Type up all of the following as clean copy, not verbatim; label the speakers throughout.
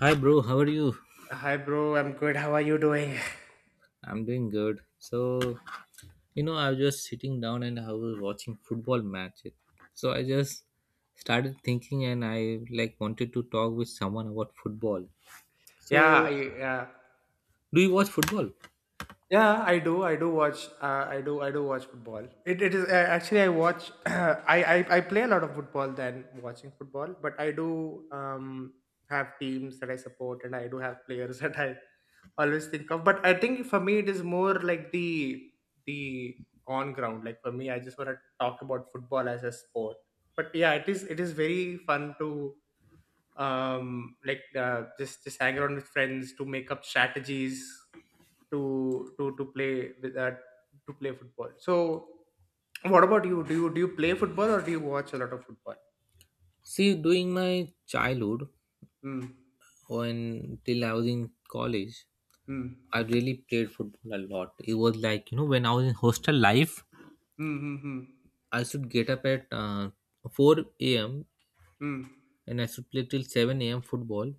Speaker 1: Hi, bro. How are you?
Speaker 2: Hi, bro. I'm good. How are you doing?
Speaker 1: I'm doing good. So, you know, I was just sitting down and I was watching football match. So I just started thinking, and I like wanted to talk with someone about football.
Speaker 2: Yeah,
Speaker 1: So,
Speaker 2: I, yeah,
Speaker 1: do you watch football?
Speaker 2: yeah. I do. I do watch. I do. I do watch football. It is actually I watch. I play a lot of football than watching football, but I do have teams that I support, and I do have players that I always think of. But I think for me, it is more like the on ground. Like for me, I just want to talk about football as a sport. But yeah, it is very fun to just hang around with friends to make up strategies to play with that to play football. So what about you? Do you play football, or do you watch a lot of football?
Speaker 1: See, during my childhood,
Speaker 2: Hmm.
Speaker 1: when till I was in college,
Speaker 2: Hmm.
Speaker 1: I really played football a lot. It was like you know, when I was in hostel life,
Speaker 2: Hmm. Hmm.
Speaker 1: I should get up at 4 a.m.
Speaker 2: Hmm.
Speaker 1: and I should play till 7 a.m. football,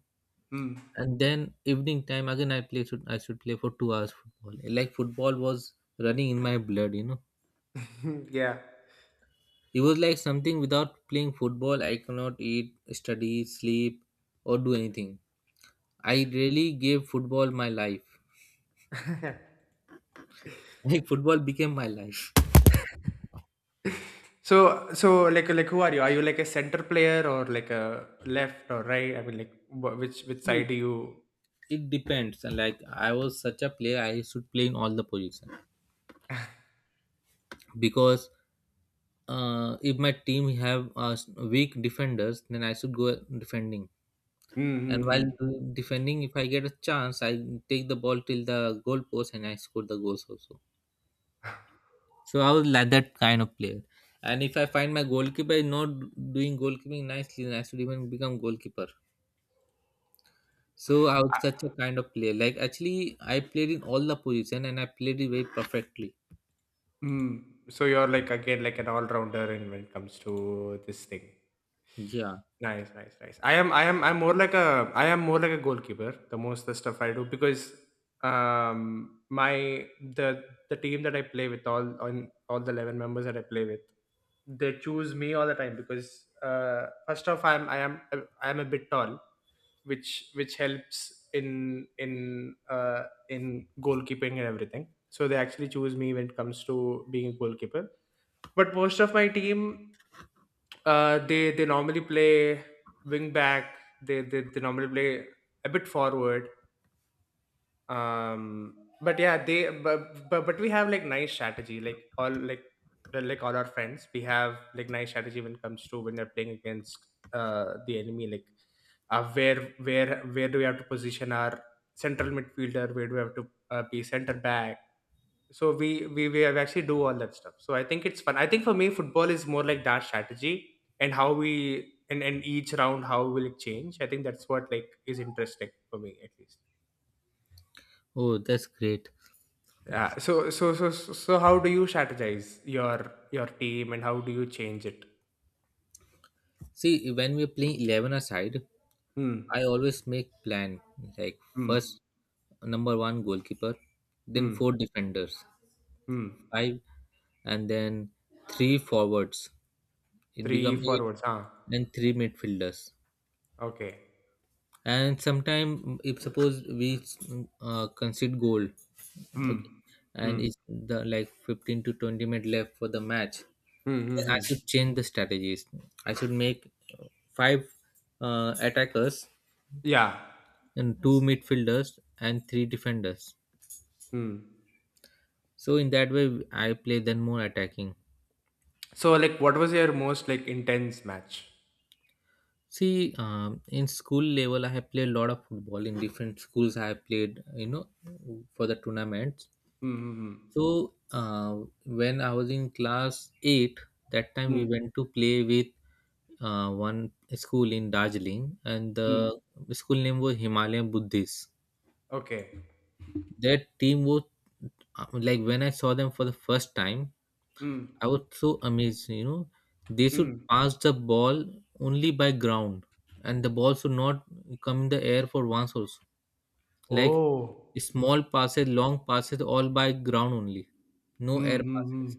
Speaker 2: Hmm.
Speaker 1: and then evening time again I should play for 2 hours football. Like football was running in my blood, you know.
Speaker 2: Hmm. Yeah.
Speaker 1: It was like something without playing football I cannot eat, study, sleep, or do anything. I really gave football my life. Like football became my life.
Speaker 2: So who are you? Are you like a center player, or like a left or right? I mean, like which side
Speaker 1: See,
Speaker 2: do you?
Speaker 1: it depends. And like I was such a player, I should play in all the positions because if my team have weak defenders, then I should go defending.
Speaker 2: Hmm. Hmm.
Speaker 1: And while
Speaker 2: Hmm.
Speaker 1: defending, if I get a chance, I take the ball till the goal post and I score the goals also. So I was like that kind of player. And if I find my goalkeeper is not doing goalkeeping nicely, then I should even become goalkeeper. So I was such a kind of player. Like actually, I played in all the position and I played it very perfectly.
Speaker 2: Mm. So you're like again like an all-rounder in when it comes to this thing.
Speaker 1: Yeah.
Speaker 2: Nice, nice, nice. I am more like a goalkeeper. The most the stuff I do because my the team that I play with all on all the 11 members that I play with, they choose me all the time because first off I'm I am a bit tall, which helps in in goalkeeping and everything, so they actually choose me when it comes to being a goalkeeper. But most of my team, they normally play wing back. They normally play a bit forward. um but yeah, they but we have like nice strategy, like all like like all our friends, we have like nice strategy when it comes to when you're playing against the enemy. Like uh, where where do we have to position our central midfielder, where do we have to be center back. So we have actually do all that stuff. So I think it's fun. I think for me, football is more like that strategy and how we, and each round how will it change. I think that's what like is interesting for me, at least.
Speaker 1: Oh, that's great.
Speaker 2: Yeah. So how do you strategize your team and how do you change it?
Speaker 1: See, when we're playing eleven aside,
Speaker 2: Hmm.
Speaker 1: I always make plan like
Speaker 2: Hmm.
Speaker 1: first number one goalkeeper, then
Speaker 2: Hmm.
Speaker 1: four defenders.
Speaker 2: Hmm.
Speaker 1: Five and then three forwards. It
Speaker 2: Three
Speaker 1: become eight
Speaker 2: forwards. Huh.
Speaker 1: and three midfielders.
Speaker 2: Okay.
Speaker 1: And sometime if suppose we concede goal,
Speaker 2: Hmm.
Speaker 1: okay, and
Speaker 2: Hmm.
Speaker 1: it's the like 15 to 20 minute left for the match,
Speaker 2: Hmm. Hmm.
Speaker 1: then I
Speaker 2: Hmm.
Speaker 1: should change the strategies. I should make five attackers
Speaker 2: Yeah.
Speaker 1: and two midfielders and three defenders.
Speaker 2: Hmm.
Speaker 1: So in that way, I play then more attacking.
Speaker 2: So like, what was your most like intense match?
Speaker 1: See, in school level, I have played a lot of football. In different schools, I have played, you know, for the tournaments.
Speaker 2: Hmm. Hmm.
Speaker 1: So, when I was in class 8, that time we
Speaker 2: Hmm.
Speaker 1: went to play with one school in Darjeeling, and
Speaker 2: Hmm.
Speaker 1: the
Speaker 2: Hmm.
Speaker 1: school name was Himalayan Buddhist.
Speaker 2: Okay.
Speaker 1: Their team was like when I saw them for the first time,
Speaker 2: Hmm.
Speaker 1: I was so amazed. You know, they should
Speaker 2: Hmm.
Speaker 1: pass the ball only by ground, and the ball should not come in the air for once also. Like
Speaker 2: Oh.
Speaker 1: small passes, long passes, all by ground only, no
Speaker 2: Hmm.
Speaker 1: air
Speaker 2: Hmm. Hmm.
Speaker 1: passes.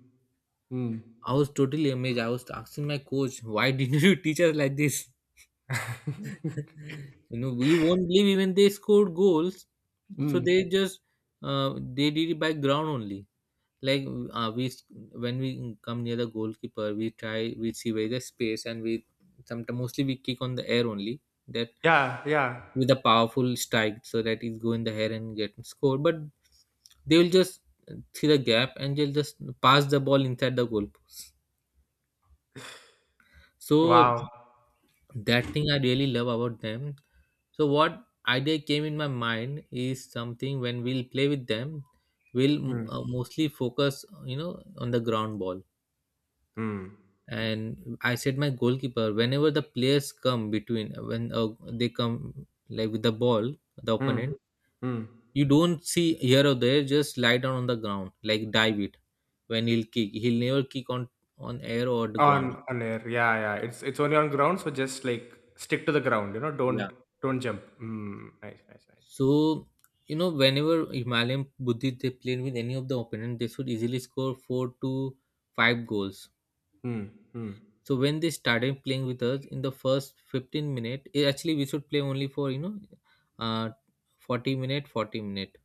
Speaker 2: Hmm.
Speaker 1: I was totally amazed. I was asking my coach, "Why didn't you teach us like this?" You know, you won't believe even they scored goals. So
Speaker 2: Hmm.
Speaker 1: they just they did it by ground only. Like we when we come near the goalkeeper, we see where the space, and we sometimes mostly we kick on the air only, that
Speaker 2: Yeah, yeah.
Speaker 1: with a powerful strike so that it go in the air and get scored. But they will just see the gap and they'll just pass the ball inside the goal. So
Speaker 2: Wow.
Speaker 1: that thing I really love about them. So what idea came in my mind is something, when we'll play with them, we'll
Speaker 2: Hmm.
Speaker 1: mostly focus you know on the ground ball.
Speaker 2: Hmm.
Speaker 1: And I said my goalkeeper, whenever the players come between, when they come like with the ball, the
Speaker 2: Hmm.
Speaker 1: opponent,
Speaker 2: Hmm.
Speaker 1: you don't see here or there, just lie down on the ground like dive it. When he'll kick, he'll never kick on air or the ground.
Speaker 2: On air, yeah, yeah. It's only on ground, so just like stick to the ground.
Speaker 1: Yeah.
Speaker 2: Don't jump. Hmm. Nice, nice, nice.
Speaker 1: So you know, whenever Himalayan Buddhist they played with any of the opponent, they should easily score 4 to 5 goals.
Speaker 2: Hmm. Hmm.
Speaker 1: So when they started playing with us in the first 15-minute, eh, actually we should play only for you know, uh, 40 minute, 40 minute.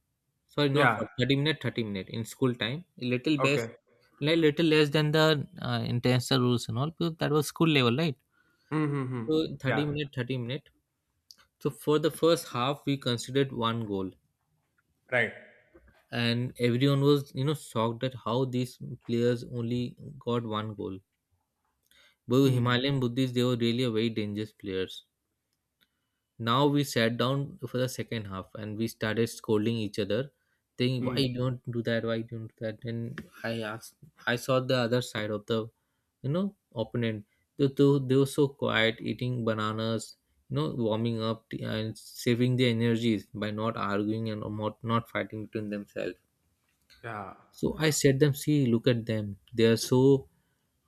Speaker 1: Sorry, not
Speaker 2: Yeah.
Speaker 1: for 30 minute, 30 minute in school time. A little best,
Speaker 2: Okay.
Speaker 1: little less than the international rules and all because that was school level, right?
Speaker 2: Hmm. Hmm. Hmm.
Speaker 1: So 30
Speaker 2: Yeah.
Speaker 1: minute, 30 minute. So for the first half, we considered one goal,
Speaker 2: Right.
Speaker 1: and everyone was you know shocked at how these players only got one goal. But
Speaker 2: Hmm.
Speaker 1: Himalayan Buddhists, they were really a very dangerous players. Now we sat down for the second half and we started scolding each other, saying why
Speaker 2: Hmm.
Speaker 1: you don't do that, why you don't do that. And I asked, I saw the other side of the you know opponent. They were so quiet eating bananas, you know, warming up and saving their energies by not arguing and not fighting between themselves.
Speaker 2: Yeah.
Speaker 1: So
Speaker 2: Yeah.
Speaker 1: I said them, see, look at them, they are so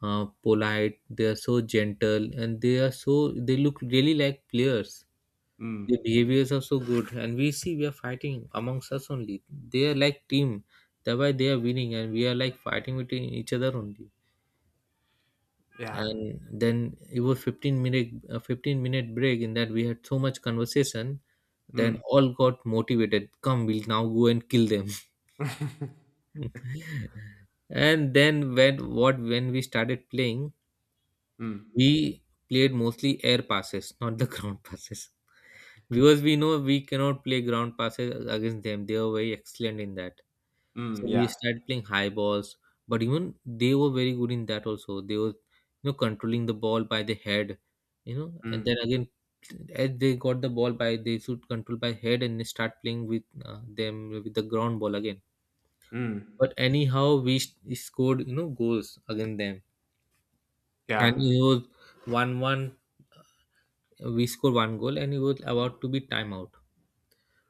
Speaker 1: polite, they are so gentle, and they are so they look really like players. The
Speaker 2: Hmm.
Speaker 1: behaviors are so good, and we see we are fighting amongst us only. They are like team, thereby they are winning, and we are like fighting between each other only.
Speaker 2: Yeah.
Speaker 1: And then it was 15 minute, 15-minute break, in that we had so much conversation.
Speaker 2: Hmm.
Speaker 1: Then all got motivated. Come, we'll now go and kill them. And then when what when we started playing,
Speaker 2: Hmm.
Speaker 1: we played mostly air passes, not the ground passes. Because we know we cannot play ground passes against them, they were very excellent in that. So
Speaker 2: Mm.
Speaker 1: we
Speaker 2: Yeah.
Speaker 1: started playing high balls, but even they were very good in that also. They were you know controlling the ball by the head, you know, and then
Speaker 2: Hmm.
Speaker 1: again as they got the ball by, they should control by head and they start playing with them with the ground ball again.
Speaker 2: Mm.
Speaker 1: But anyhow we scored you know goals against them. And
Speaker 2: Yeah.
Speaker 1: it was 1-1, we scored one goal and it was about to be timeout.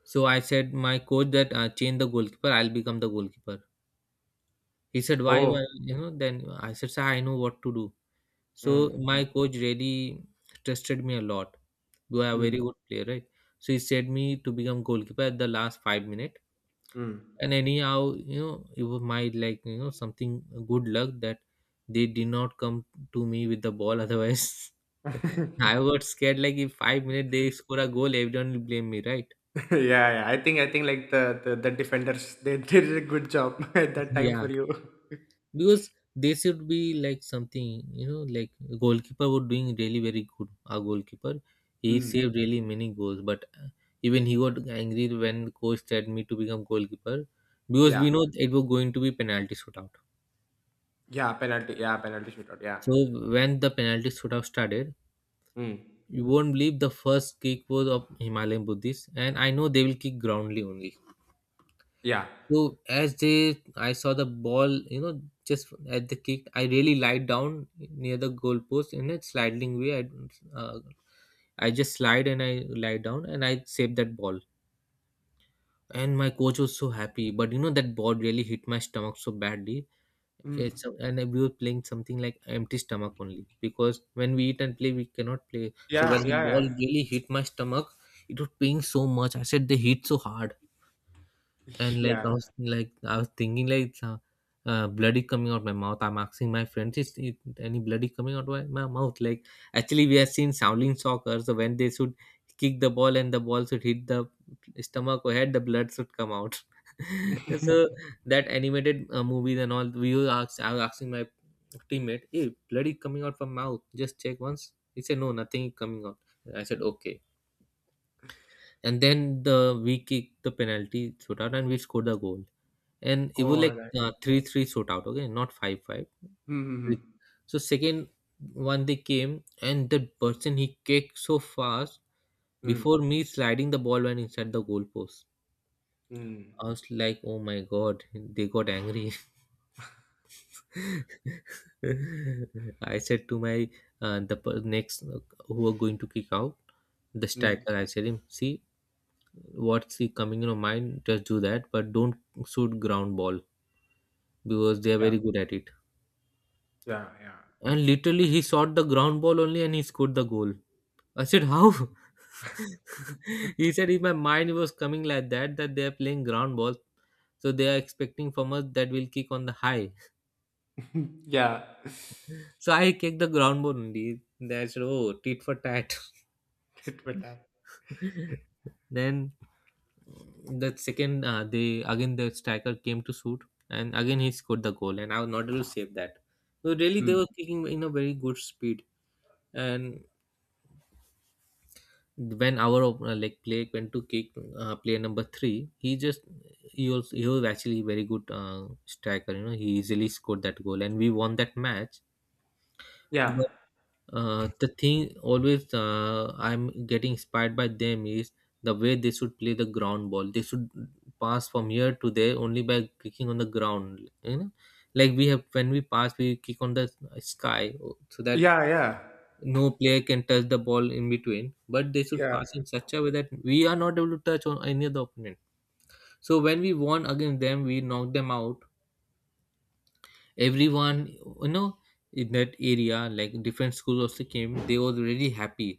Speaker 1: So I said my coach that, change the goalkeeper, I'll become the goalkeeper. He said, why
Speaker 2: Oh.
Speaker 1: why you know. Then I said, sir, I know what to do. So
Speaker 2: Hmm.
Speaker 1: my
Speaker 2: Hmm.
Speaker 1: coach really trusted me a lot. You are a
Speaker 2: Hmm.
Speaker 1: very good player, right? So he said me to become goalkeeper at the last 5 minutes. And anyhow, you know, it was my like you know something good luck that they did not come to me with the ball. Otherwise, I was scared like if 5 minutes they score a goal, everyone will blame me, right?
Speaker 2: Yeah, yeah. I think like the defenders they did a good job at that time
Speaker 1: Yeah,
Speaker 2: for you.
Speaker 1: because they should be like something you know like goalkeeper was doing really very good, our goalkeeper, he
Speaker 2: Mm.
Speaker 1: saved really many goals, but even he got angry when coach said me to become goalkeeper, because
Speaker 2: Yeah,
Speaker 1: we know it was going to be penalty shootout.
Speaker 2: yeah. Penalty. Yeah, penalty shootout. Yeah.
Speaker 1: So when the penalty shootout started,
Speaker 2: Mm.
Speaker 1: you won't believe the first kick was of Himalayan Buddhist, and I know they will kick groundly only.
Speaker 2: Yeah.
Speaker 1: So as they, I saw the ball, you know, just at the kick, I really lied down near the goalpost in a sliding way. I just slide and I lie down and I saved that ball. And my coach was so happy, but you know that ball really hit my stomach so badly.
Speaker 2: Mm.
Speaker 1: It's and we were playing something like empty stomach only, because when we eat and play, we cannot play. So when
Speaker 2: Yeah.
Speaker 1: the ball
Speaker 2: Yeah.
Speaker 1: really hit my stomach, it was paying so much. I said they hit so hard.
Speaker 2: Yeah.
Speaker 1: And like I
Speaker 2: Yeah.
Speaker 1: was, like I was thinking like it's, bloody coming out my mouth. I'm asking my friends, is it any bloody coming out my, my mouth? Like actually, we have seen Shaolin soccer, so when they should kick the ball and the ball should hit the stomach or head, the blood should come out. So that animated movies and all, we were asked. I was asking my teammate, "Hey, bloody coming out from mouth? Just check once." He said, "No, nothing is coming out." I said, "Okay." And then the we kicked the penalty shootout and we scored the goal. And it was
Speaker 2: All
Speaker 1: like
Speaker 2: right.
Speaker 1: 3-3 shootout, okay, not 5-5.
Speaker 2: Mm.
Speaker 1: So second one they came, and that person he kicked so fast,
Speaker 2: Mm. Mm.
Speaker 1: before me sliding the ball went inside the goal post.
Speaker 2: Mm.
Speaker 1: I was like, oh my god, they got angry. I said to my, the next who are going to kick out, the
Speaker 2: Mm. Mm.
Speaker 1: striker, I said him, see, what's he coming in your mind, just do that, but don't shoot ground ball, because they are
Speaker 2: Yeah.
Speaker 1: very good at it.
Speaker 2: Yeah. Yeah.
Speaker 1: And literally, he shot the ground ball only and he scored the goal. I said, how? He said, in my mind it was coming like that, that they are playing ground ball, so they are expecting from us that we'll kick on the high.
Speaker 2: Yeah.
Speaker 1: So I kicked the ground ball only. Then I said, oh, tit for tat.
Speaker 2: It would have-
Speaker 1: Then the second, they again, the striker came to shoot, and again he scored the goal. And I was not able to save that. So really, they
Speaker 2: Mm.
Speaker 1: were kicking in a very good speed. And when like play went to kick, player number three, he just he was actually very good striker, you know. He easily scored that goal and we won that match.
Speaker 2: Yeah.
Speaker 1: But the thing always I'm getting inspired by them is the way they should play the ground ball. They should pass from here to there only by kicking on the ground, you know. Like we have, when we pass, we kick on the sky, so that
Speaker 2: Yeah. Yeah.
Speaker 1: no player can touch the ball in between. But they should
Speaker 2: Yeah.
Speaker 1: pass in such a way that we are not able to touch on any other opponent. So when we won against them, we knocked them out, everyone, you know. In that area, like, different schools also came. They were really happy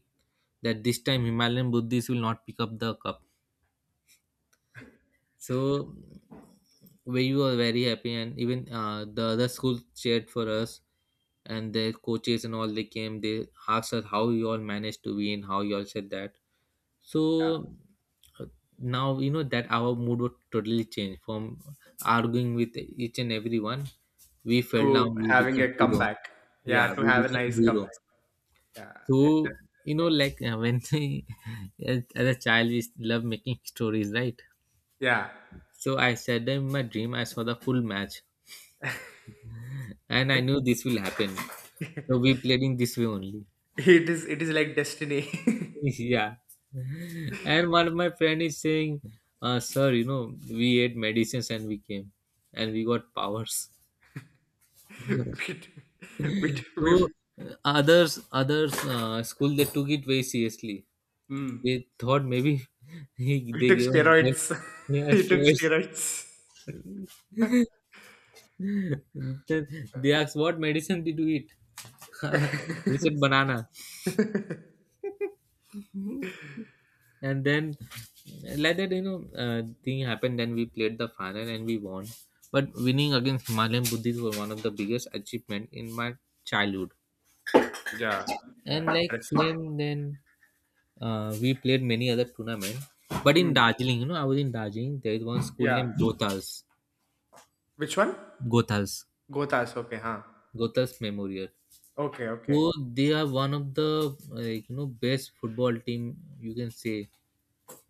Speaker 1: that this time Himalayan Buddhists will not pick up the cup. So we were very happy, and even the other schools cheered for us, and their coaches and all, they came, they asked us, how you all managed to win, how you all said that. So
Speaker 2: Yeah.
Speaker 1: uh, now you know that our mood would totally change. From arguing with each and everyone, we fell down,
Speaker 2: To
Speaker 1: we
Speaker 2: having
Speaker 1: became
Speaker 2: a
Speaker 1: hero.
Speaker 2: comeback.
Speaker 1: Yeah,
Speaker 2: Yeah. To
Speaker 1: we
Speaker 2: have a
Speaker 1: became
Speaker 2: nice
Speaker 1: hero.
Speaker 2: comeback. Yeah. I- th-
Speaker 1: So, you know, like, when, as a child, we love making stories, right?
Speaker 2: yeah.
Speaker 1: So I said that in my dream I saw the full match. And I knew this will happen, so we played in this way only.
Speaker 2: It is like destiny.
Speaker 1: Yeah. And one of my friend is saying, sir, you know, we ate medicines and we came, and we got powers.
Speaker 2: we, t- we, t-
Speaker 1: So
Speaker 2: we,
Speaker 1: others others school, they took it very seriously. They
Speaker 2: mm,
Speaker 1: thought maybe he,
Speaker 2: we
Speaker 1: they
Speaker 2: took
Speaker 1: gave us
Speaker 2: steroids.
Speaker 1: drugs. Yeah,
Speaker 2: We took
Speaker 1: choice.
Speaker 2: steroids.
Speaker 1: Then they asked, what medicine did you eat? We said banana. And then, let that, you know, thing happened, then we played the final and we won. But winning against Himalayan Buddhists was one of the biggest achievement in my childhood.
Speaker 2: Yeah,
Speaker 1: And
Speaker 2: yeah,
Speaker 1: like,
Speaker 2: interesting.
Speaker 1: same then, we played many other tournaments. But in
Speaker 2: Mm,
Speaker 1: Darjeeling, you know, I was in Darjeeling. There is one school
Speaker 2: yeah.
Speaker 1: named Gothals.
Speaker 2: Which one?
Speaker 1: Gothals.
Speaker 2: Gotas, okay, huh?
Speaker 1: Gothals Memorial.
Speaker 2: Okay,
Speaker 1: So
Speaker 2: okay.
Speaker 1: they are one of the, like, you know, best football team, you can say.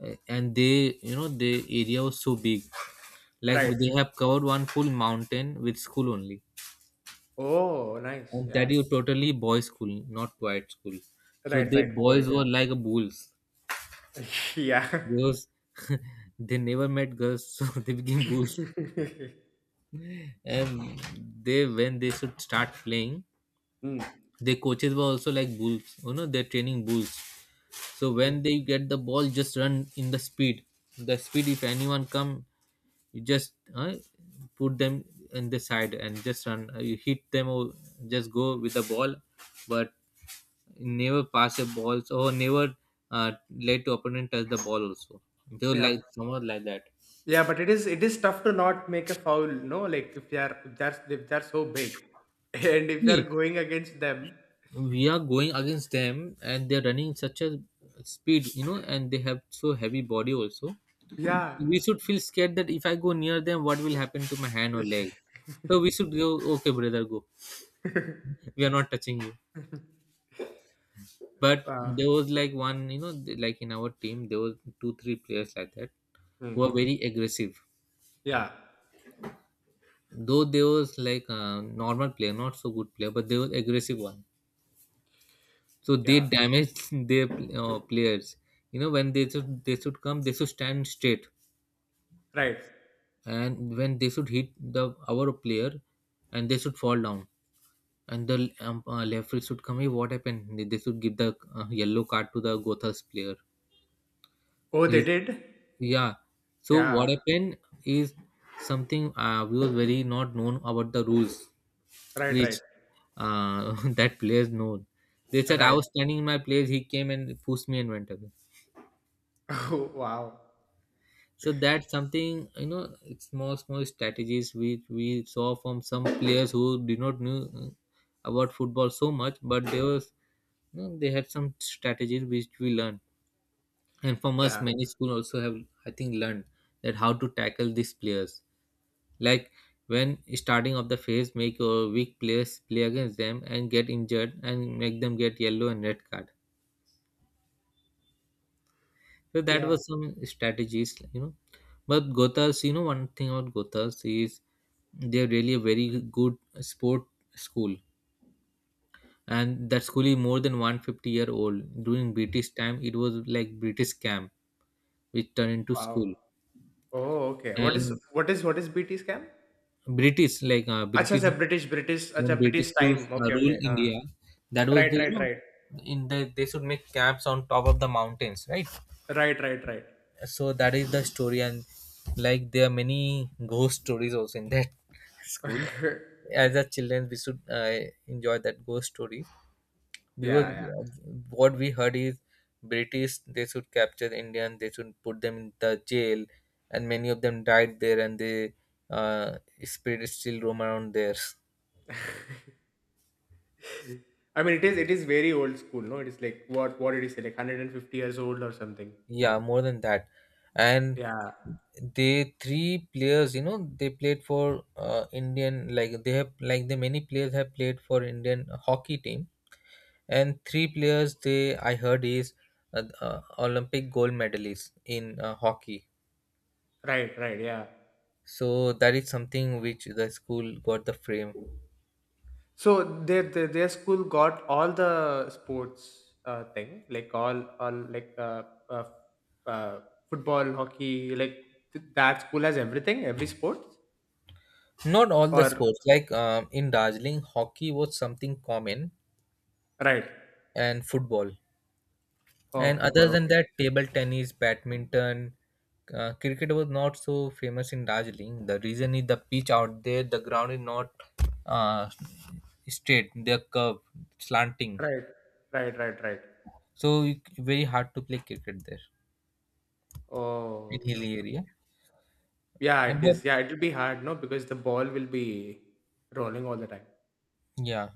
Speaker 1: And they, you know, the area was so big. Like,
Speaker 2: Right.
Speaker 1: they have covered one full mountain with school only,
Speaker 2: Oh, nice.
Speaker 1: and
Speaker 2: Yeah.
Speaker 1: that is totally boys' school, not quiet school. So
Speaker 2: Right,
Speaker 1: the
Speaker 2: right. Go ahead.
Speaker 1: boys were like bulls,
Speaker 2: Yeah. Yeah.
Speaker 1: because they never met girls, so they became bulls. And they, when they should start playing,
Speaker 2: Mm.
Speaker 1: their coaches were also like bulls. You know, they're training bulls. So when they get the ball, just run in the speed. The speed, if anyone come, you just put them in the side and just run. You hit them or just go with the ball, but never pass the balls, or never uh, let the opponent touch the ball also. They were
Speaker 2: Yeah.
Speaker 1: like someone like that.
Speaker 2: Yeah, but it is tough to not make a foul, no? Like if you are if they're so big, and if you are
Speaker 1: See,
Speaker 2: going against them,
Speaker 1: we are going against them, and they're running such a speed, you know, and they have so heavy body also.
Speaker 2: yeah,
Speaker 1: We should feel scared that if I go near them, what will happen to my hand or leg. So we should go, okay, brother, go, we are not touching you. But
Speaker 2: uh,
Speaker 1: there was like one, you know, like, in our team, there was two, three players like that who are
Speaker 2: mm-hmm.
Speaker 1: very aggressive.
Speaker 2: Yeah,
Speaker 1: Though they was like a normal player, not so good player, but they was aggressive one. So
Speaker 2: yeah,
Speaker 1: they damaged their players. You know, when they should, they should come, they should stand straight,
Speaker 2: right.
Speaker 1: and when they should hit the our player, and they should fall down. And the referee should come. Hey, what happened? They should give the yellow card to the Gothas player.
Speaker 2: Oh, they
Speaker 1: He's,
Speaker 2: did.
Speaker 1: yeah. So what
Speaker 2: Yeah,
Speaker 1: happened is, something we were very not known about the rules,
Speaker 2: right, right,
Speaker 1: which that players know. They said I
Speaker 2: right.
Speaker 1: was standing in my place. He came and pushed me and went away.
Speaker 2: Oh, wow.
Speaker 1: So that's something, you know. It's small small strategies which we saw from some players who did not know about football so much, but they was, you know, they had some strategies which we learned, and from us
Speaker 2: Yeah,
Speaker 1: many school also have, I think, learned that how to tackle these players, like, when starting of the phase, make your weak players play against them and get injured and make them get yellow and red card. So that
Speaker 2: yeah.
Speaker 1: was some strategies, you know. But Gothas, you know, one thing about Gothas is they're really a very good sport school. And that school is more than 150 year old. During British time, it was like British camp, which turned into
Speaker 2: Wow.
Speaker 1: school.
Speaker 2: Oh, okay. What is
Speaker 1: And
Speaker 2: what is what is BT scam?
Speaker 1: British, like,
Speaker 2: Acha,
Speaker 1: British,
Speaker 2: acha, British, British,
Speaker 1: when
Speaker 2: acha,
Speaker 1: British
Speaker 2: British
Speaker 1: rules
Speaker 2: time. Okay,
Speaker 1: rule
Speaker 2: okay. हाँ.
Speaker 1: India, that was
Speaker 2: Right,
Speaker 1: the, you
Speaker 2: right,
Speaker 1: know,
Speaker 2: right,
Speaker 1: in the, they should make camps on top of the mountains, right?
Speaker 2: right, right, right.
Speaker 1: So that is the story. And like, there are many ghost stories also in that school. As a children, we should enjoy that ghost story, because
Speaker 2: Yeah,
Speaker 1: what we heard is, British, they should capture Indian, they should put them in the jail, and many of them died there, and the uh, spirit is still roam around there.
Speaker 2: yeah. I mean, it is very old school, no? It is like what did he say, like 150 years old or something?
Speaker 1: Yeah, more than that. And
Speaker 2: Yeah,
Speaker 1: they three players, you know, they played for Indian, like they have like the many players have played for Indian hockey team. And three players, they, I heard is Olympic gold medalists in hockey.
Speaker 2: right, right, yeah.
Speaker 1: So that is something which the school got the frame.
Speaker 2: So their school got all the sports thing, like all like uh, uh, football, hockey, like that school has everything, every sport.
Speaker 1: Not all the
Speaker 2: Or
Speaker 1: sports. Like, in Darjeeling, hockey was something common,
Speaker 2: right,
Speaker 1: and football.
Speaker 2: oh
Speaker 1: And other
Speaker 2: football,
Speaker 1: than
Speaker 2: okay,
Speaker 1: that, table tennis, badminton, cricket was not so famous in Darjeeling. The reason is the pitch out there, the ground is not uh, straight, they're curved, slanting.
Speaker 2: right, right, right, right.
Speaker 1: So it- very hard to play cricket there
Speaker 2: Oh,
Speaker 1: in
Speaker 2: okay,
Speaker 1: hilly
Speaker 2: okay. Okay.
Speaker 1: area.
Speaker 2: Yeah,
Speaker 1: And
Speaker 2: it
Speaker 1: but
Speaker 2: is. Yeah, it will be hard, no, because the ball will be rolling all the time.
Speaker 1: yeah,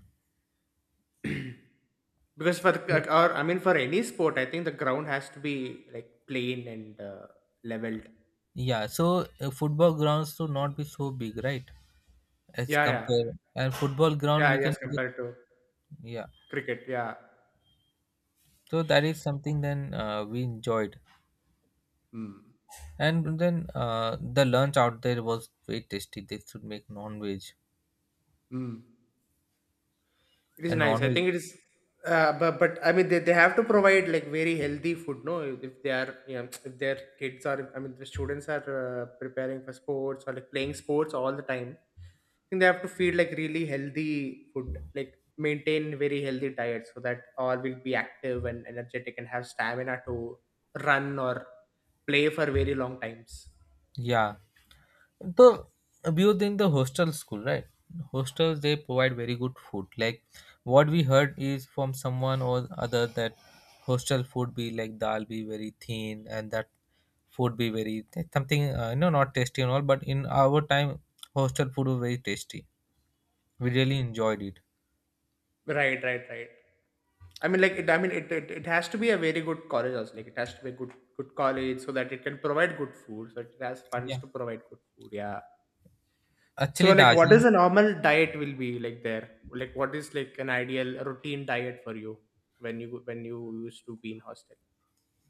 Speaker 2: Because for like, or I mean for any sport I think the ground has to be like plain and leveled.
Speaker 1: yeah. So football grounds should not be so big, right? As
Speaker 2: Yeah, yeah,
Speaker 1: compared, and football ground
Speaker 2: yeah.
Speaker 1: we can
Speaker 2: Yes,
Speaker 1: get,
Speaker 2: compared to
Speaker 1: yeah.
Speaker 2: cricket, yeah.
Speaker 1: So that is something, then we enjoyed.
Speaker 2: Mm.
Speaker 1: And then the lunch out there was very tasty. They should make non-veg
Speaker 2: Mm. It is
Speaker 1: and
Speaker 2: nice. I
Speaker 1: non-veg.
Speaker 2: think it is. But I mean they have to provide like very healthy food, no? If they are you if their kids are I mean the students are preparing for sports or like playing sports all the time, I think they have to feed like really healthy food, like maintain very healthy diet, so that all will be active and energetic and have stamina to run or play for very long times.
Speaker 1: Yeah, the, we were in the hostel school, right? Hostels, they provide very good food. Like, what we heard is from someone or other that hostel food be like dal be very thin, and that food be very something, you know, not tasty and all. But in our time, hostel food was very tasty. We really enjoyed it.
Speaker 2: Right, right, right. I mean, like, I mean, it has to be a very good college also. Like, it has to be a good good college so that it can provide good food. So it has funds
Speaker 1: Yeah,
Speaker 2: to provide good food. Yeah. So,
Speaker 1: actually
Speaker 2: like, what is
Speaker 1: Darjeeling.
Speaker 2: a normal diet will be like there? Like, what is like an ideal routine diet for you when you used to be in hostel?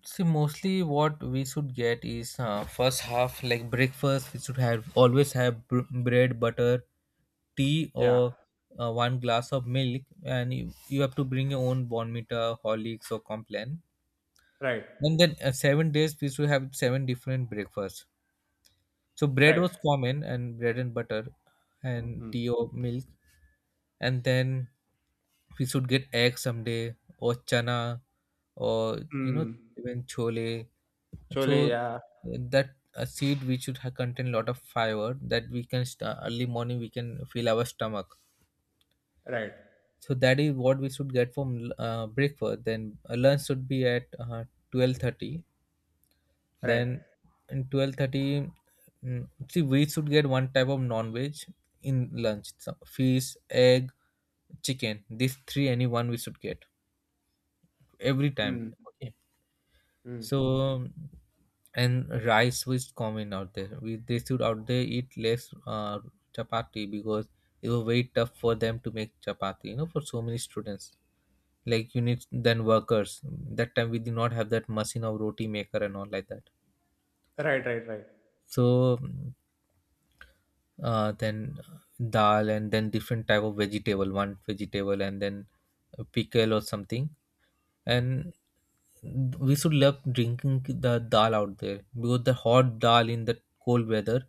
Speaker 1: See, mostly what we should get is first half, like breakfast. We should have always have bread, butter, tea,
Speaker 2: Yeah.
Speaker 1: or one glass of milk, and you have to bring your own bonmita, Horlicks, or Complan.
Speaker 2: Right.
Speaker 1: And then seven days we should have seven different breakfasts. So bread
Speaker 2: Right.
Speaker 1: was common, and bread and butter, and
Speaker 2: Mm.
Speaker 1: tea or milk. And then we should get egg someday, or chana, or, you know,
Speaker 2: Mm.
Speaker 1: even chole,
Speaker 2: Chole.
Speaker 1: so
Speaker 2: Yeah.
Speaker 1: that a seed which should have contain lot of fiber, that we can early morning we can fill our stomach.
Speaker 2: Right.
Speaker 1: So that is what we should get from breakfast. Then lunch should be at 12:30.
Speaker 2: Right.
Speaker 1: Then in 12:30, mm, see, we should get one type of non-veg in lunch, so fish, egg, chicken, these three, any one we should get every time.
Speaker 2: Mm.
Speaker 1: Okay,
Speaker 2: Mm.
Speaker 1: so, and rice was common out there. We, they should out there eat less chapati, because it was very tough for them to make chapati. You know, for so many students, like, you need then workers. That time we did not have that machine of roti maker and all like that.
Speaker 2: Right. Right. Right.
Speaker 1: So then dal, and then different type of vegetable, one vegetable, and then a pickle or something. And we should love drinking the dal out there, because the hot dal in the cold weather,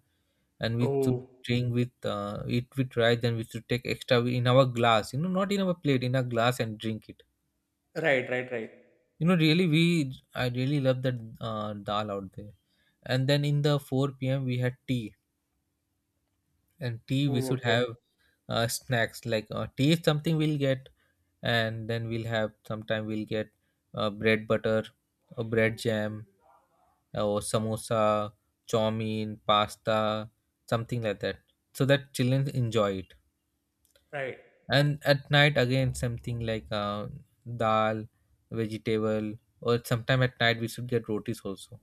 Speaker 1: and we should
Speaker 2: Oh.
Speaker 1: drink with, eat with rice, and we should take extra in our glass, you know, not in our plate, in a glass, and drink it.
Speaker 2: Right. Right. Right.
Speaker 1: You know, really, we I really love that dal out there. And then in the 4 p.m we had tea, and tea we
Speaker 2: Oh.
Speaker 1: should
Speaker 2: Okay.
Speaker 1: have snacks, like, tea is something we'll get, and then we'll have, sometime we'll get bread butter or bread jam or samosa, chow mein, pasta, something like that, so that children enjoy it.
Speaker 2: Right.
Speaker 1: And at night again something like dal, vegetable, or sometime at night we should get rotis also.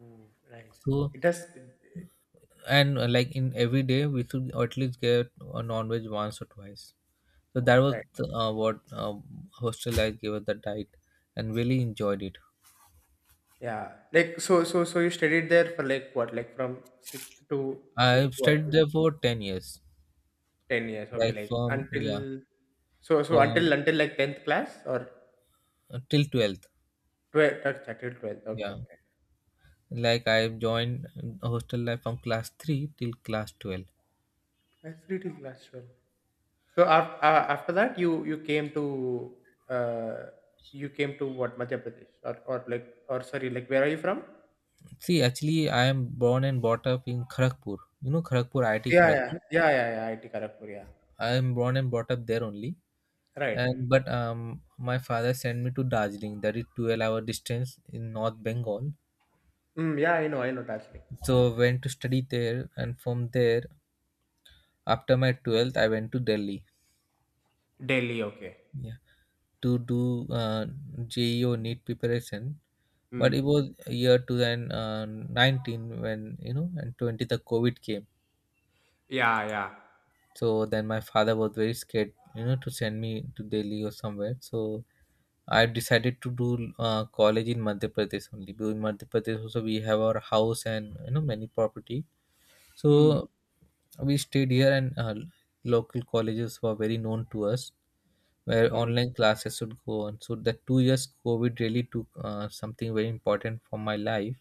Speaker 2: Mm, nice.
Speaker 1: So,
Speaker 2: It does.
Speaker 1: and like, in every day we should at least get a non-veg once or twice. So that was
Speaker 2: Right.
Speaker 1: what hostel life gave us the diet, and really enjoyed it.
Speaker 2: Yeah. Like so you studied there for like what? Like from sixth to
Speaker 1: I
Speaker 2: what?
Speaker 1: studied there for 10 years,
Speaker 2: 10 years. Okay.
Speaker 1: like
Speaker 2: Like
Speaker 1: from yeah,
Speaker 2: until
Speaker 1: from
Speaker 2: like 10th class or
Speaker 1: uh, till twelfth.
Speaker 2: 12. Until 12th. Okay.
Speaker 1: Yeah,
Speaker 2: Okay.
Speaker 1: like I joined hostel life from class three till class 12.
Speaker 2: That's 3 till class 12. So after that, you came to uh you came to what, Madhya Pradesh, or like, or sorry, like where are you from?
Speaker 1: See, actually, I am born and brought up in Kharagpur. You know Kharagpur, IIT
Speaker 2: Yeah. Yeah.
Speaker 1: Kharagpur.
Speaker 2: Yeah. Yeah. Yeah. IT Kharagpur. Yeah.
Speaker 1: I am born and brought up there only.
Speaker 2: Right.
Speaker 1: And but my father sent me to Darjeeling, that is 12 hour distance in North Bengal.
Speaker 2: Mm, yeah. I know. I know. Actually.
Speaker 1: So went to study there, and from there after my 12th, I went to Delhi,
Speaker 2: Delhi. Okay.
Speaker 1: yeah, to do JEO NEET preparation. But
Speaker 2: Mm.
Speaker 1: it was year 2019 when, you know, and 20 the COVID came.
Speaker 2: Yeah, yeah.
Speaker 1: So then my father was very scared, you know, to send me to Delhi or somewhere. So I decided to do college in Madhya Pradesh only, because in Madhya Pradesh also we have our house and, you know, many property.
Speaker 2: Mm.
Speaker 1: So we stayed here, and local colleges were very known to us where
Speaker 2: Mm.
Speaker 1: online classes should go on. So the 2 years COVID really took something very important for my life,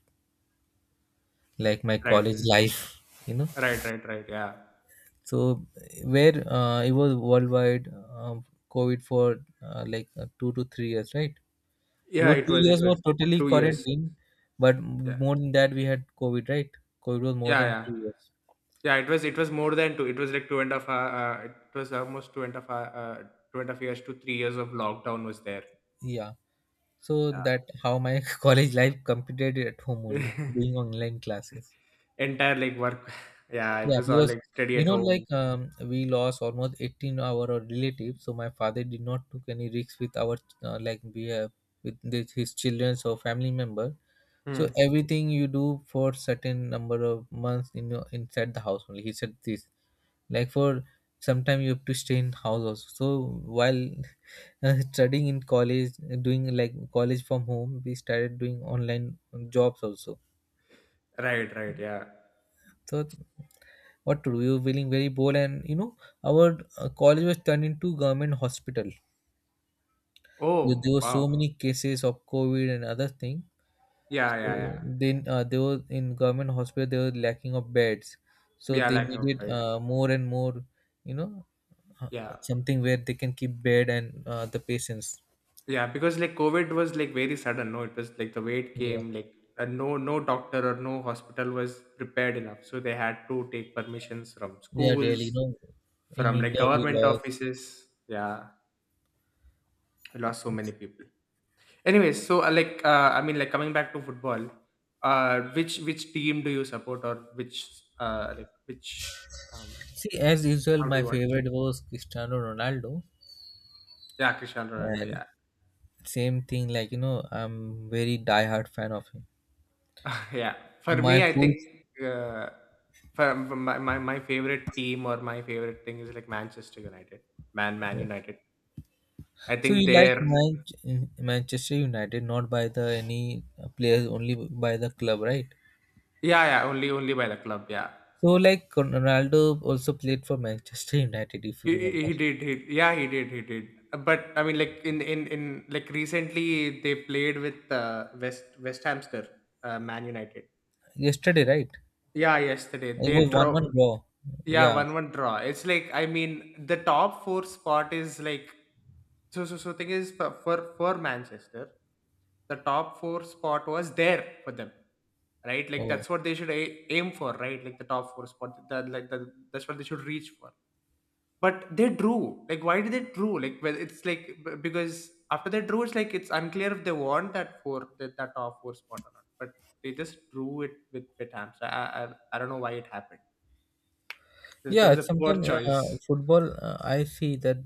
Speaker 1: like my
Speaker 2: Right,
Speaker 1: college life, you know.
Speaker 2: right, right, right. Yeah,
Speaker 1: So where it was worldwide COVID for 2 to 3 years, right? We
Speaker 2: yeah.
Speaker 1: were, two
Speaker 2: It was, it
Speaker 1: years were
Speaker 2: was
Speaker 1: totally
Speaker 2: 2 years.
Speaker 1: quarantined, but
Speaker 2: Yeah,
Speaker 1: more than that we had COVID, right? COVID was more
Speaker 2: yeah,
Speaker 1: than
Speaker 2: yeah,
Speaker 1: 2 years.
Speaker 2: yeah. It was more than two. It was like two and a half. It was almost two and a half, 2.5 years to 3 years of lockdown was there.
Speaker 1: Yeah. So that how my college life competed at home only,
Speaker 2: Yeah,
Speaker 1: doing online classes.
Speaker 2: entire like work. Yeah, it
Speaker 1: Yeah,
Speaker 2: was all
Speaker 1: because
Speaker 2: like study
Speaker 1: you
Speaker 2: at
Speaker 1: know,
Speaker 2: home.
Speaker 1: we lost almost 18 our relatives, so my father did not took any risks with our like we have with this, his children or family member. So
Speaker 2: Hmm.
Speaker 1: everything you do for certain number of months in your inside the house only. He said this like for sometime you have to stay in house also. So while studying in college, doing like college from home, we started doing online jobs also.
Speaker 2: Right, right. Yeah.
Speaker 1: So what to do. We were feeling very bold, and you know, our college was turned into government hospital. There
Speaker 2: Oh,
Speaker 1: were
Speaker 2: wow.
Speaker 1: so many cases of COVID and other thing.
Speaker 2: Yeah,
Speaker 1: So
Speaker 2: yeah, yeah.
Speaker 1: then they were in government hospital. They were lacking of beds, so
Speaker 2: Yeah,
Speaker 1: they
Speaker 2: like no
Speaker 1: needed
Speaker 2: friends.
Speaker 1: more and more. You know, uh,
Speaker 2: Yeah.
Speaker 1: something where they can keep bed and the patients.
Speaker 2: Yeah, because like COVID was like very sudden. No, it was like the way it
Speaker 1: Yeah,
Speaker 2: came. Like no, no doctor or no hospital was prepared enough, so they had to take permissions from
Speaker 1: yeah,
Speaker 2: schools,
Speaker 1: really. You know, in
Speaker 2: from like
Speaker 1: India we
Speaker 2: government
Speaker 1: lost.
Speaker 2: offices. Yeah, we lost so many people. Anyways, so like I mean, like coming back to football, which team do you support, or which like which um
Speaker 1: See, as usual,
Speaker 2: how do you
Speaker 1: my
Speaker 2: watch?
Speaker 1: favorite was Cristiano Ronaldo,
Speaker 2: Yeah, Cristiano Ronaldo.
Speaker 1: and
Speaker 2: Yeah,
Speaker 1: same thing, like you know, I'm very diehard fan of him.
Speaker 2: Yeah. For
Speaker 1: My
Speaker 2: me, I think
Speaker 1: full.
Speaker 2: uh, for my favorite team or my favorite thing is like Manchester United, Man United. I
Speaker 1: So
Speaker 2: think
Speaker 1: you like
Speaker 2: they're.
Speaker 1: Manchester United not by the any players, only by the club, right?
Speaker 2: Yeah, yeah, only by the club, yeah.
Speaker 1: So like Ronaldo also played for Manchester United, if you remember.
Speaker 2: He did he Yeah, he did. But I mean like in like recently they played with West Hamster Man United.
Speaker 1: Yesterday, right?
Speaker 2: Yeah, yesterday
Speaker 1: It
Speaker 2: they
Speaker 1: was
Speaker 2: draw.
Speaker 1: one-one draw.
Speaker 2: Yeah,
Speaker 1: Yeah.
Speaker 2: 1-1 draw. It's like I mean the top four spot is like so thing is for Manchester, the top four spot was there for them, right? Like
Speaker 1: Oh.
Speaker 2: that's what they should aim for, right? Like the top four spot. That like that's what they should reach for, but they drew. Like why did they drew? Like well it's like because after they drew, it's like it's unclear if they want that four, that top four spot or not, but they just drew it with Hams. I don't know why it happened. This that
Speaker 1: Yeah.
Speaker 2: was a poor
Speaker 1: Sometimes
Speaker 2: choice.
Speaker 1: football, I see that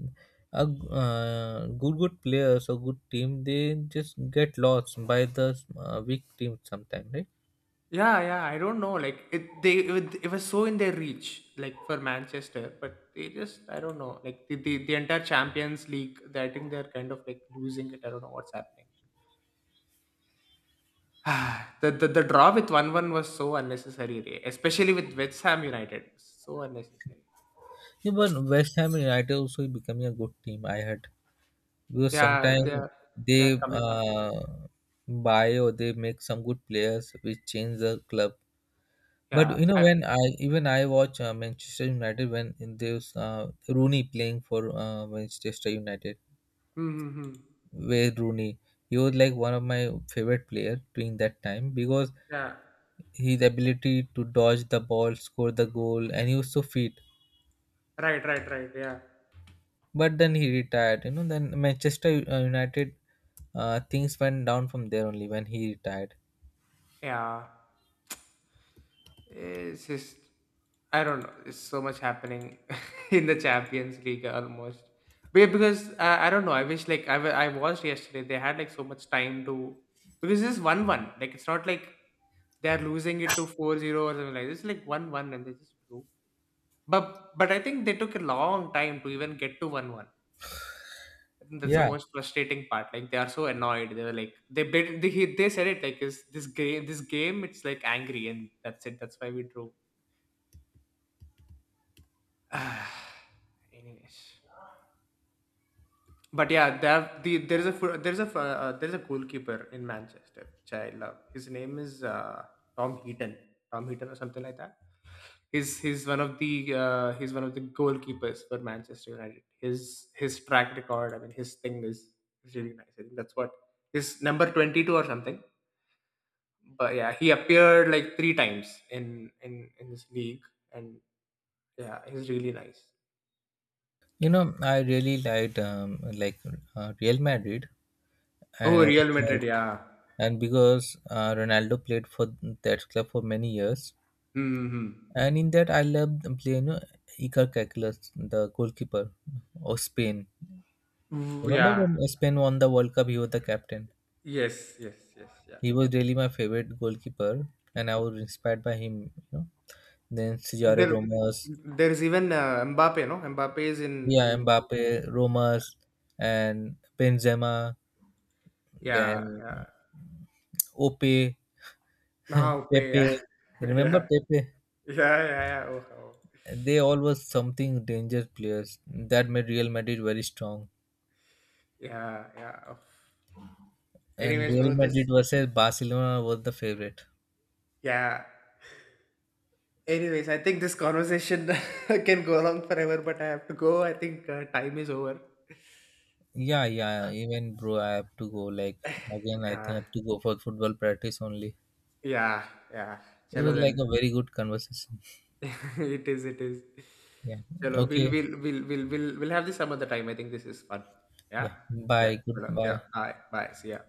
Speaker 1: good players or good team, they just get lost by the weak team sometimes, right?
Speaker 2: Yeah, yeah, I don't know. Like it was so in their reach, like for Manchester, but they just, I don't know, like the entire Champions League, they, I think they're kind of like losing it. I don't know what's happening. The draw with 1-1 was so unnecessary, Ray. Especially with West Ham United. So unnecessary.
Speaker 1: Yeah, but West Ham United also becoming a good team. I heard because
Speaker 2: Yeah,
Speaker 1: sometimes
Speaker 2: they're
Speaker 1: they
Speaker 2: coming up.
Speaker 1: buy or they make some good players which change the club. But
Speaker 2: Yeah,
Speaker 1: you know
Speaker 2: I.
Speaker 1: when I even I watch Manchester United when in there's Rooney playing for Manchester United.
Speaker 2: Mm-hmm.
Speaker 1: Where Rooney, he was like one of my favorite player during that time because
Speaker 2: Yeah,
Speaker 1: his ability to dodge the ball, score the goal, and he was so fit.
Speaker 2: right, right, right. Yeah.
Speaker 1: But then he retired. You know, then Manchester United things went down from there only when he retired.
Speaker 2: Yeah. It's just I don't know. It's so much happening in the Champions League almost. But because I don't know. I wish like I watched yesterday. They had like so much time to because it's 1-1. Like it's not like they are losing it to 4-0 or something like this. It's like 1-1 and they just drew. But I think they took a long time to even get to 1-1. I think that's the
Speaker 1: Yeah.
Speaker 2: most frustrating part. Like they are so annoyed. They were like they said it like is this game it's like angry and that's it. That's why we drew. Anyways, but yeah, they have the there is a goalkeeper in Manchester which I love. His name is Tom Heaton, Tom Heaton or something like that. He's one of the he's one of the goalkeepers for Manchester United. His track record, I mean, his thing is really nice. I think that's what his number 22 or something. But yeah, he appeared like three times in this league, and yeah, he's really nice.
Speaker 1: You know, I really liked like Real Madrid, and
Speaker 2: Oh,
Speaker 1: as a
Speaker 2: Real
Speaker 1: club,
Speaker 2: Madrid, yeah.
Speaker 1: and because Ronaldo played for that club for many years,
Speaker 2: Hmm.
Speaker 1: and in that I loved playing, you know, Iker Casillas, the goalkeeper of Spain. Remember
Speaker 2: Yeah.
Speaker 1: when Spain won the World Cup? He was the captain.
Speaker 2: Yes. Yes. Yes. Yeah.
Speaker 1: He was really my favorite goalkeeper, and I was inspired by him. You know? Then Cesare
Speaker 2: There,
Speaker 1: Romas,
Speaker 2: there's even Mbappe. No, Mbappe is in
Speaker 1: yeah,
Speaker 2: in.
Speaker 1: Mbappe, Romas, and Benzema,
Speaker 2: Yeah.
Speaker 1: then
Speaker 2: Yeah.
Speaker 1: Ope,
Speaker 2: Now,
Speaker 1: Pepe.
Speaker 2: yeah. Yeah.
Speaker 1: You remember
Speaker 2: Yeah.
Speaker 1: Pepe?
Speaker 2: Yeah. Yeah. Oh, oh.
Speaker 1: They all were something dangerous players that made Real Madrid very strong.
Speaker 2: Yeah. Yeah. Oh.
Speaker 1: And
Speaker 2: Anyways, bro,
Speaker 1: Real Madrid
Speaker 2: this.
Speaker 1: versus Barcelona was the favorite.
Speaker 2: Yeah. Anyways, I think this conversation can go along forever, but I have to go. I think time is over.
Speaker 1: Yeah, yeah. Even bro, I have to go. Like again, I think
Speaker 2: Yeah,
Speaker 1: I have to go for football practice only.
Speaker 2: yeah, yeah.
Speaker 1: It
Speaker 2: Chalo
Speaker 1: was like
Speaker 2: then.
Speaker 1: a very good conversation.
Speaker 2: It is, it is.
Speaker 1: Yeah.
Speaker 2: Chalo,
Speaker 1: Okay.
Speaker 2: we'll have this some other time. I think this is fun. Yeah.
Speaker 1: Yeah.
Speaker 2: Yeah.
Speaker 1: Bye.
Speaker 2: Chalo. Yeah.
Speaker 1: Goodbye.
Speaker 2: Bye. Bye. See ya.